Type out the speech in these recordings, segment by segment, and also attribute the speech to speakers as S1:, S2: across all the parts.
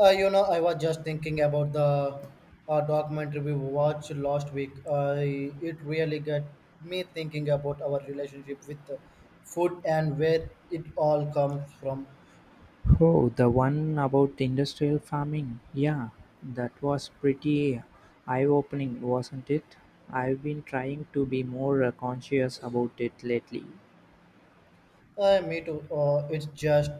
S1: I was just thinking about the documentary we watched last week. I It really got me thinking about our relationship with food and where it all comes from.
S2: Oh, the one about industrial farming. Yeah, that was pretty eye-opening, wasn't it? I've been trying to be more conscious about it lately.
S1: Me too. It's just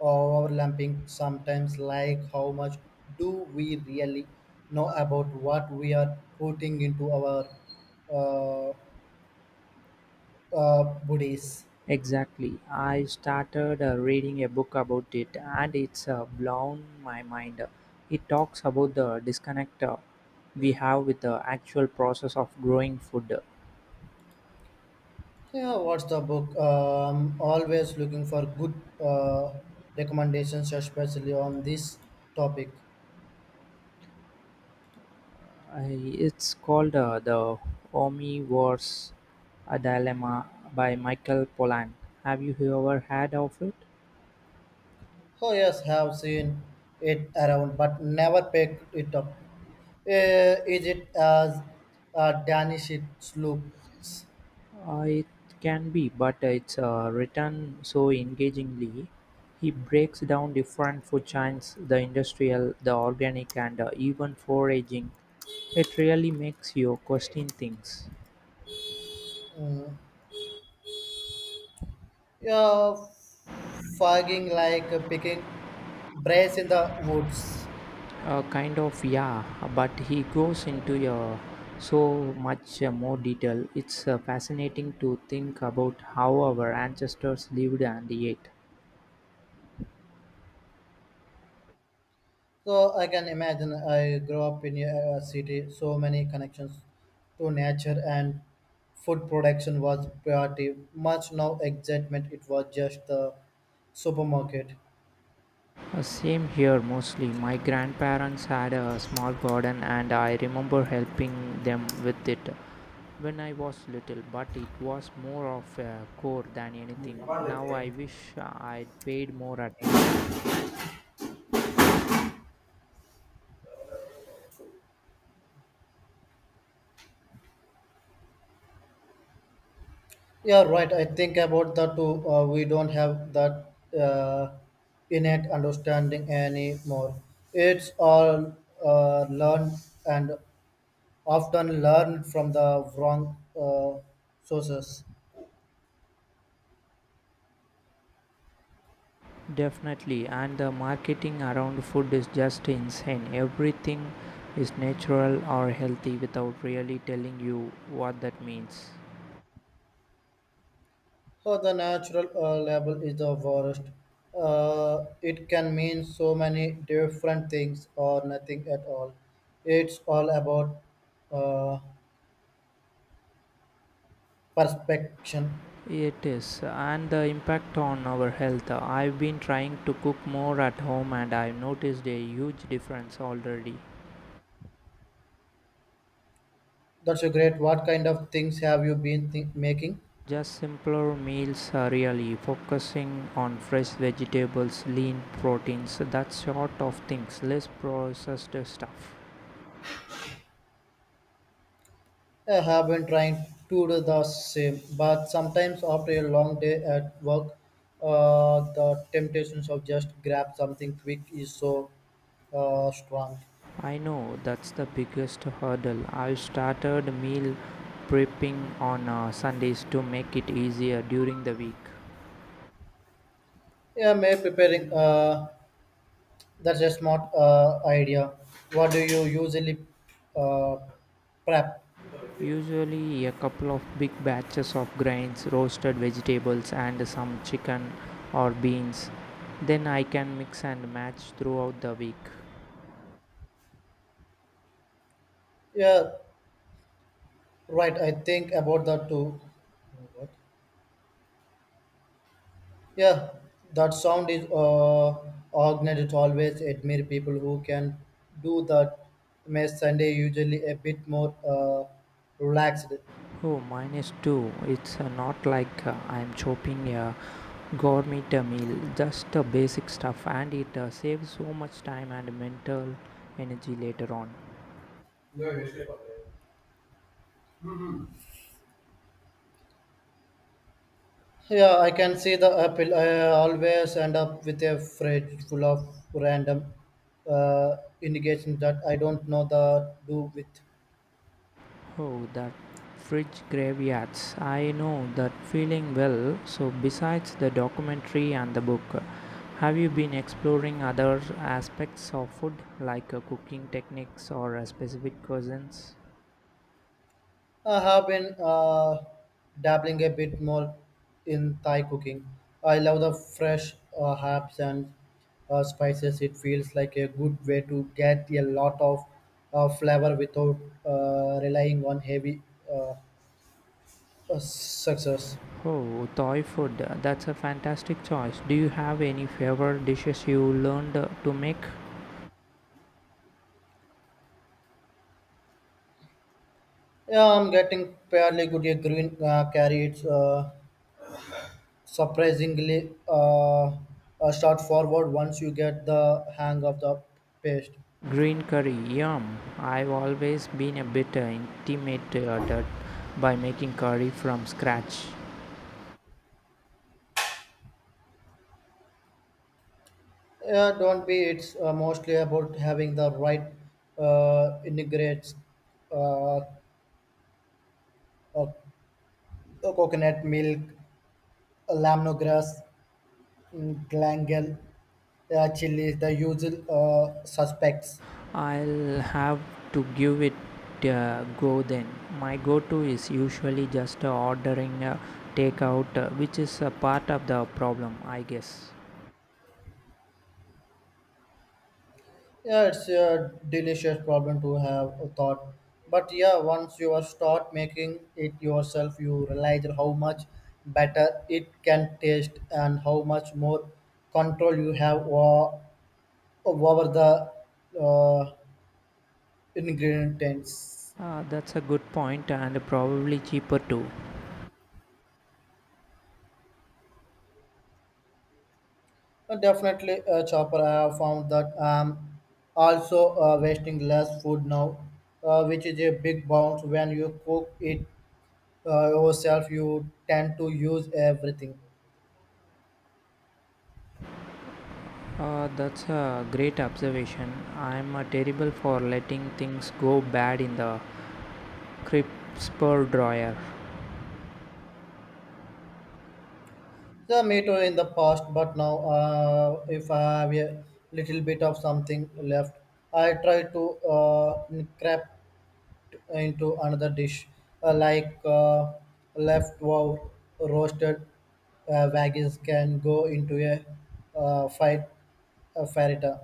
S1: overlapping sometimes, like how much do we really know about what we are putting into our uh, bodies?
S2: Exactly. I started reading a book about it, and it's blown my mind. It talks about the disconnect we have with the actual process of growing food.
S1: Yeah, what's the book? I'm always looking for good uh, recommendations, especially on this topic.
S2: It's called The Omnivore's A Dilemma by Michael Pollan. Have you ever heard of it?
S1: Oh yes, have seen it around, but never picked it up. Is it as Danish it looks?
S2: It can be, but it's written so engagingly. He breaks down different food chains, the industrial, the organic, and even foraging. It really makes you question things.
S1: Mm. Yeah, fogging like a picking brace in the woods.
S2: Kind of, yeah, but he goes into so much more detail. It's fascinating to think about how our ancestors lived and ate.
S1: So I can imagine I grew up in a city, so many connections to nature and food production was priority. Much no excitement, it was just the supermarket.
S2: Same here mostly. My grandparents had a small garden, and I remember helping them with it when I was little, but it was more of a chore than anything. Now I wish I'd paid more attention.
S1: Yeah, right. I think about that too. We don't have that uh, innate understanding anymore. It's all learned and often learned from the wrong sources.
S2: Definitely, and the marketing around food is just insane. Everything is natural or healthy without really telling you what that means.
S1: Oh, the natural label is the worst. It can mean so many different things or nothing at all. It's all about uh, perspection.
S2: It is, and the impact on our health. I've been trying to cook more at home, and I've noticed a huge difference already.
S1: That's a great. What kind of things have you been making?
S2: Just simpler meals, are really focusing on fresh vegetables, lean proteins, that sort of things, less processed stuff.
S1: I have been trying to do the same, but sometimes after a long day at work, the temptations of just grab something quick is so strong.
S2: I know, that's the biggest hurdle. I've started meal prepping on Sundays to make it easier during the week.
S1: Yeah, I'm preparing. That's a smart idea. What do you usually uh, prep?
S2: Usually, a couple of big batches of grains, roasted vegetables, and some chicken or beans. Then I can mix and match throughout the week.
S1: Yeah, right. I think about that too. What? Yeah, that sound is organized. Always admire people who can do that. Makes Sunday usually a bit more relaxed.
S2: Oh, minus two. It's not like I'm chopping a gourmet meal, just the basic stuff, and it saves so much time and mental energy later on.
S1: Yeah, I can see the apple. I always end up with a fridge full of random indications that I don't know the do with.
S2: Oh, that fridge graveyards. I know that feeling well. So, besides the documentary and the book, have you been exploring other aspects of food like cooking techniques or specific cuisines?
S1: I have been dabbling a bit more in Thai cooking. I love the fresh herbs and spices. It feels like a good way to get a lot of flavor without relying on heavy uh, success.
S2: Oh, Thai food. That's a fantastic choice. Do you have any favorite dishes you learned to make?
S1: Yeah, I'm getting fairly good at green carry. It's surprisingly straightforward once you get the hang of the paste.
S2: Green curry, yum. I've always been a bit intimidated by making curry from scratch.
S1: Yeah, don't be. It's mostly about having the right integrates, uh, uh, coconut milk, lemongrass, mm, glangal, chili, the usual suspects.
S2: I'll have to give it a go then. My go to is usually just ordering a takeout, which is a part of the problem, I guess.
S1: Yeah, it's a delicious problem to have a thought. But yeah, once you are start making it yourself, you realize how much better it can taste and how much more control you have over the uh, ingredients.
S2: That's a good point, and probably cheaper too.
S1: Definitely, Chopper, I have found that I'm also wasting less food now, which is a big bounce when you cook it yourself. You tend to use everything.
S2: That's a great observation. I'm terrible for letting things go bad in the crisper dryer.
S1: The me too in the past, but now if I have a little bit of something left, I try to scrap into another dish, like leftover roasted veggies can go into a fight a farita.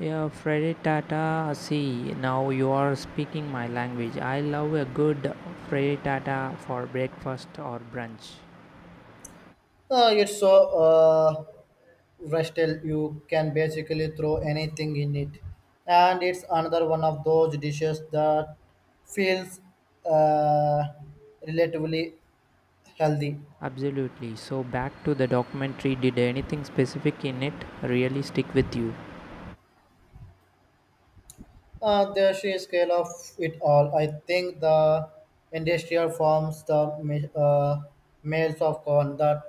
S2: Yeah, Freddy Tata. See, now you are speaking my language. I love a good Freddy Tata for breakfast or brunch.
S1: It's so uh, versatile you can basically throw anything in it, and it's another one of those dishes that feels uh, relatively healthy.
S2: Absolutely. So, back to the documentary. Did anything specific in it really stick with you?
S1: The sheer scale of it all, I think the industrial farms, the males of corn, the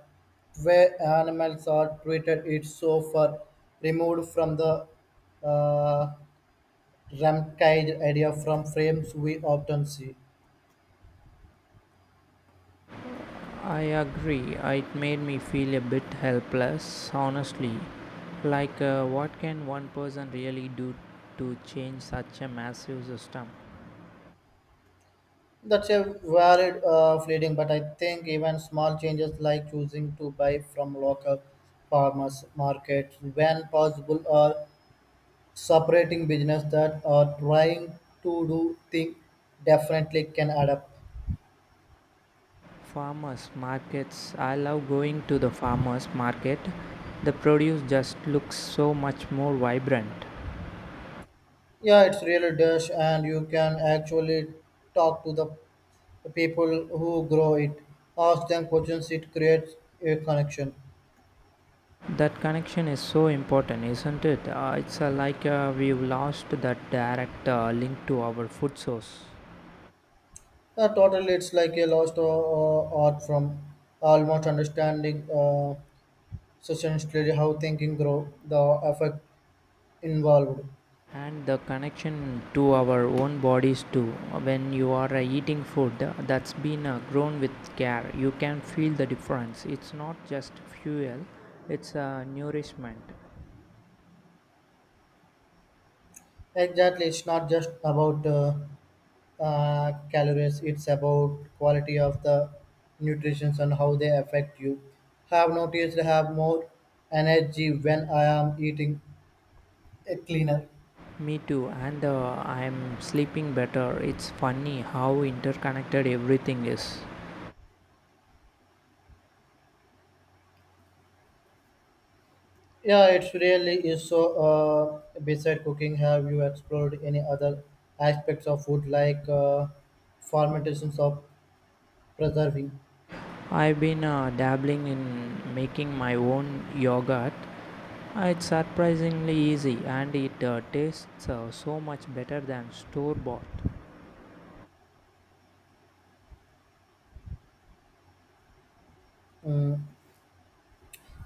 S1: way animals are treated, it's so far removed from the uh, rampage idea from frames we often see.
S2: I agree. It made me feel a bit helpless, honestly. Like, what can one person really do to change such a massive system?
S1: That's a varied fleeting, but I think even small changes like choosing to buy from local farmers markets when possible are separating business that are trying to do things differently can adapt.
S2: Farmers markets. I love going to the farmers market. The produce just looks so much more vibrant.
S1: Yeah, it's really dash, and you can actually talk to the people who grow it. Ask them questions. It creates a connection.
S2: That connection is so important, isn't it? It's like we've lost that direct link to our food source.
S1: Yeah, totally, it's like a lost art from almost understanding essentially how thinking grow the effect involved.
S2: And the connection to our own bodies too. When you are eating food that's been grown with care, you can feel the difference. It's not just fuel, it's nourishment.
S1: Exactly, it's not just about calories; it's about quality of the nutrition and how they affect you. Have noticed I have more energy when I am eating a cleaner.
S2: Me too, and I'm sleeping better. It's funny how interconnected everything is.
S1: Yeah, it's really is so. Beside cooking, have you explored any other aspects of food like fermentations of preserving?
S2: I've been dabbling in making my own yogurt. It's surprisingly easy, and it tastes so much better than store bought.
S1: Mm,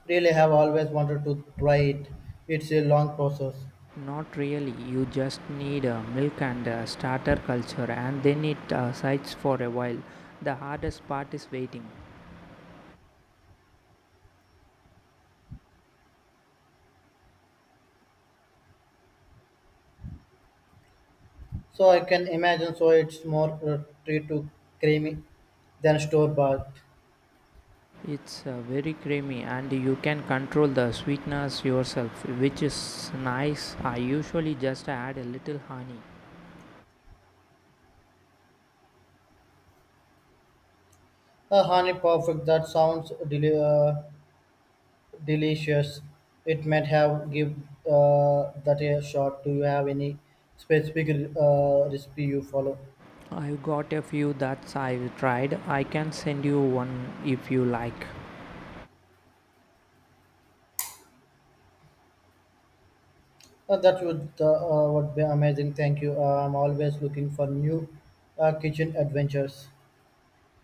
S1: really, have always wanted to try it. It's a long process.
S2: Not really, you just need milk and starter culture, and then it sides for a while. The hardest part is waiting.
S1: So I can imagine. So it's more tree to creamy than store bought.
S2: It's very creamy, and you can control the sweetness yourself, which is nice. I usually just add a little honey.
S1: A honey perfect. That sounds delicious. It might have give that a shot. Do you have any specific recipe you follow?
S2: I've got a few that I've tried. I can send you one if you like.
S1: That would be amazing. Thank you. I'm always looking for new kitchen adventures.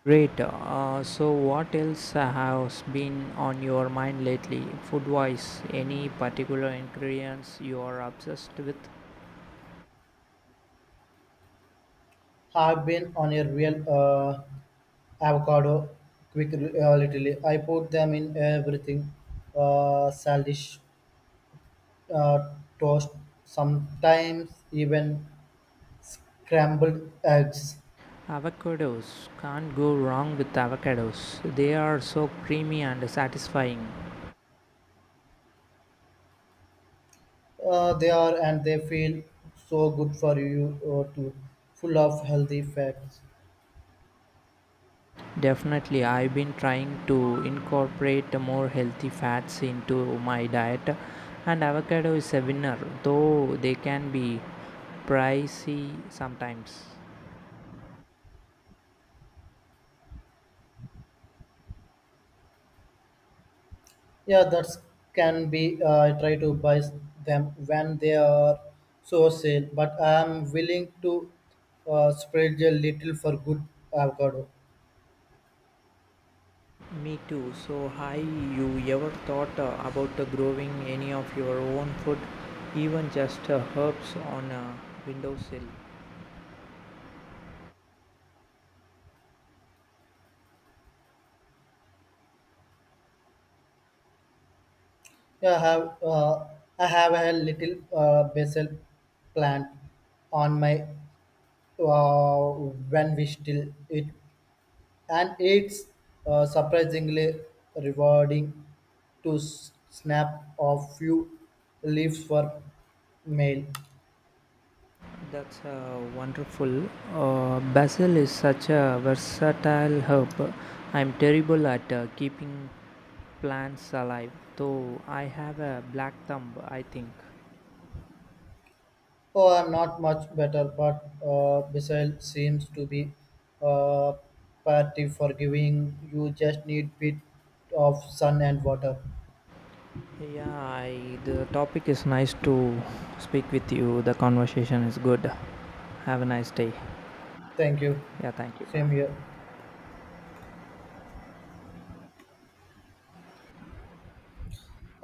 S2: Great. So, what else has been on your mind lately, food wise? Any particular ingredients you are obsessed with?
S1: I've been on a real avocado quick little I put them in everything, salad, uh, toast, sometimes even scrambled eggs.
S2: Avocados. Can't go wrong with avocados. They are so creamy and satisfying.
S1: They are and they feel so good for you too, full of healthy fats.
S2: Definitely, I've been trying to incorporate more healthy fats into my diet, and avocado is a winner, though they can be pricey sometimes.
S1: Yeah, that's can be, I try to buy them when they are so sale but I am willing to spread a little for good avocado.
S2: Me too. So, hi, you ever thought about growing any of your own food, even just herbs on a windowsill?
S1: Yeah, I have a little basil plant on my uh, when we still it, and it's surprisingly rewarding to snap a few leaves for mail.
S2: That's wonderful. Basil is such a versatile herb. I'm terrible at keeping plants alive, though I have a black thumb, I think.
S1: Oh, I'm not much better, but basil seems to be uh, pretty forgiving. You just need bit of sun and water.
S2: Yeah, I, the topic is nice to speak with you, the conversation is good. Have a nice day.
S1: Thank you.
S2: Yeah, thank you,
S1: Same
S2: bye.
S1: here.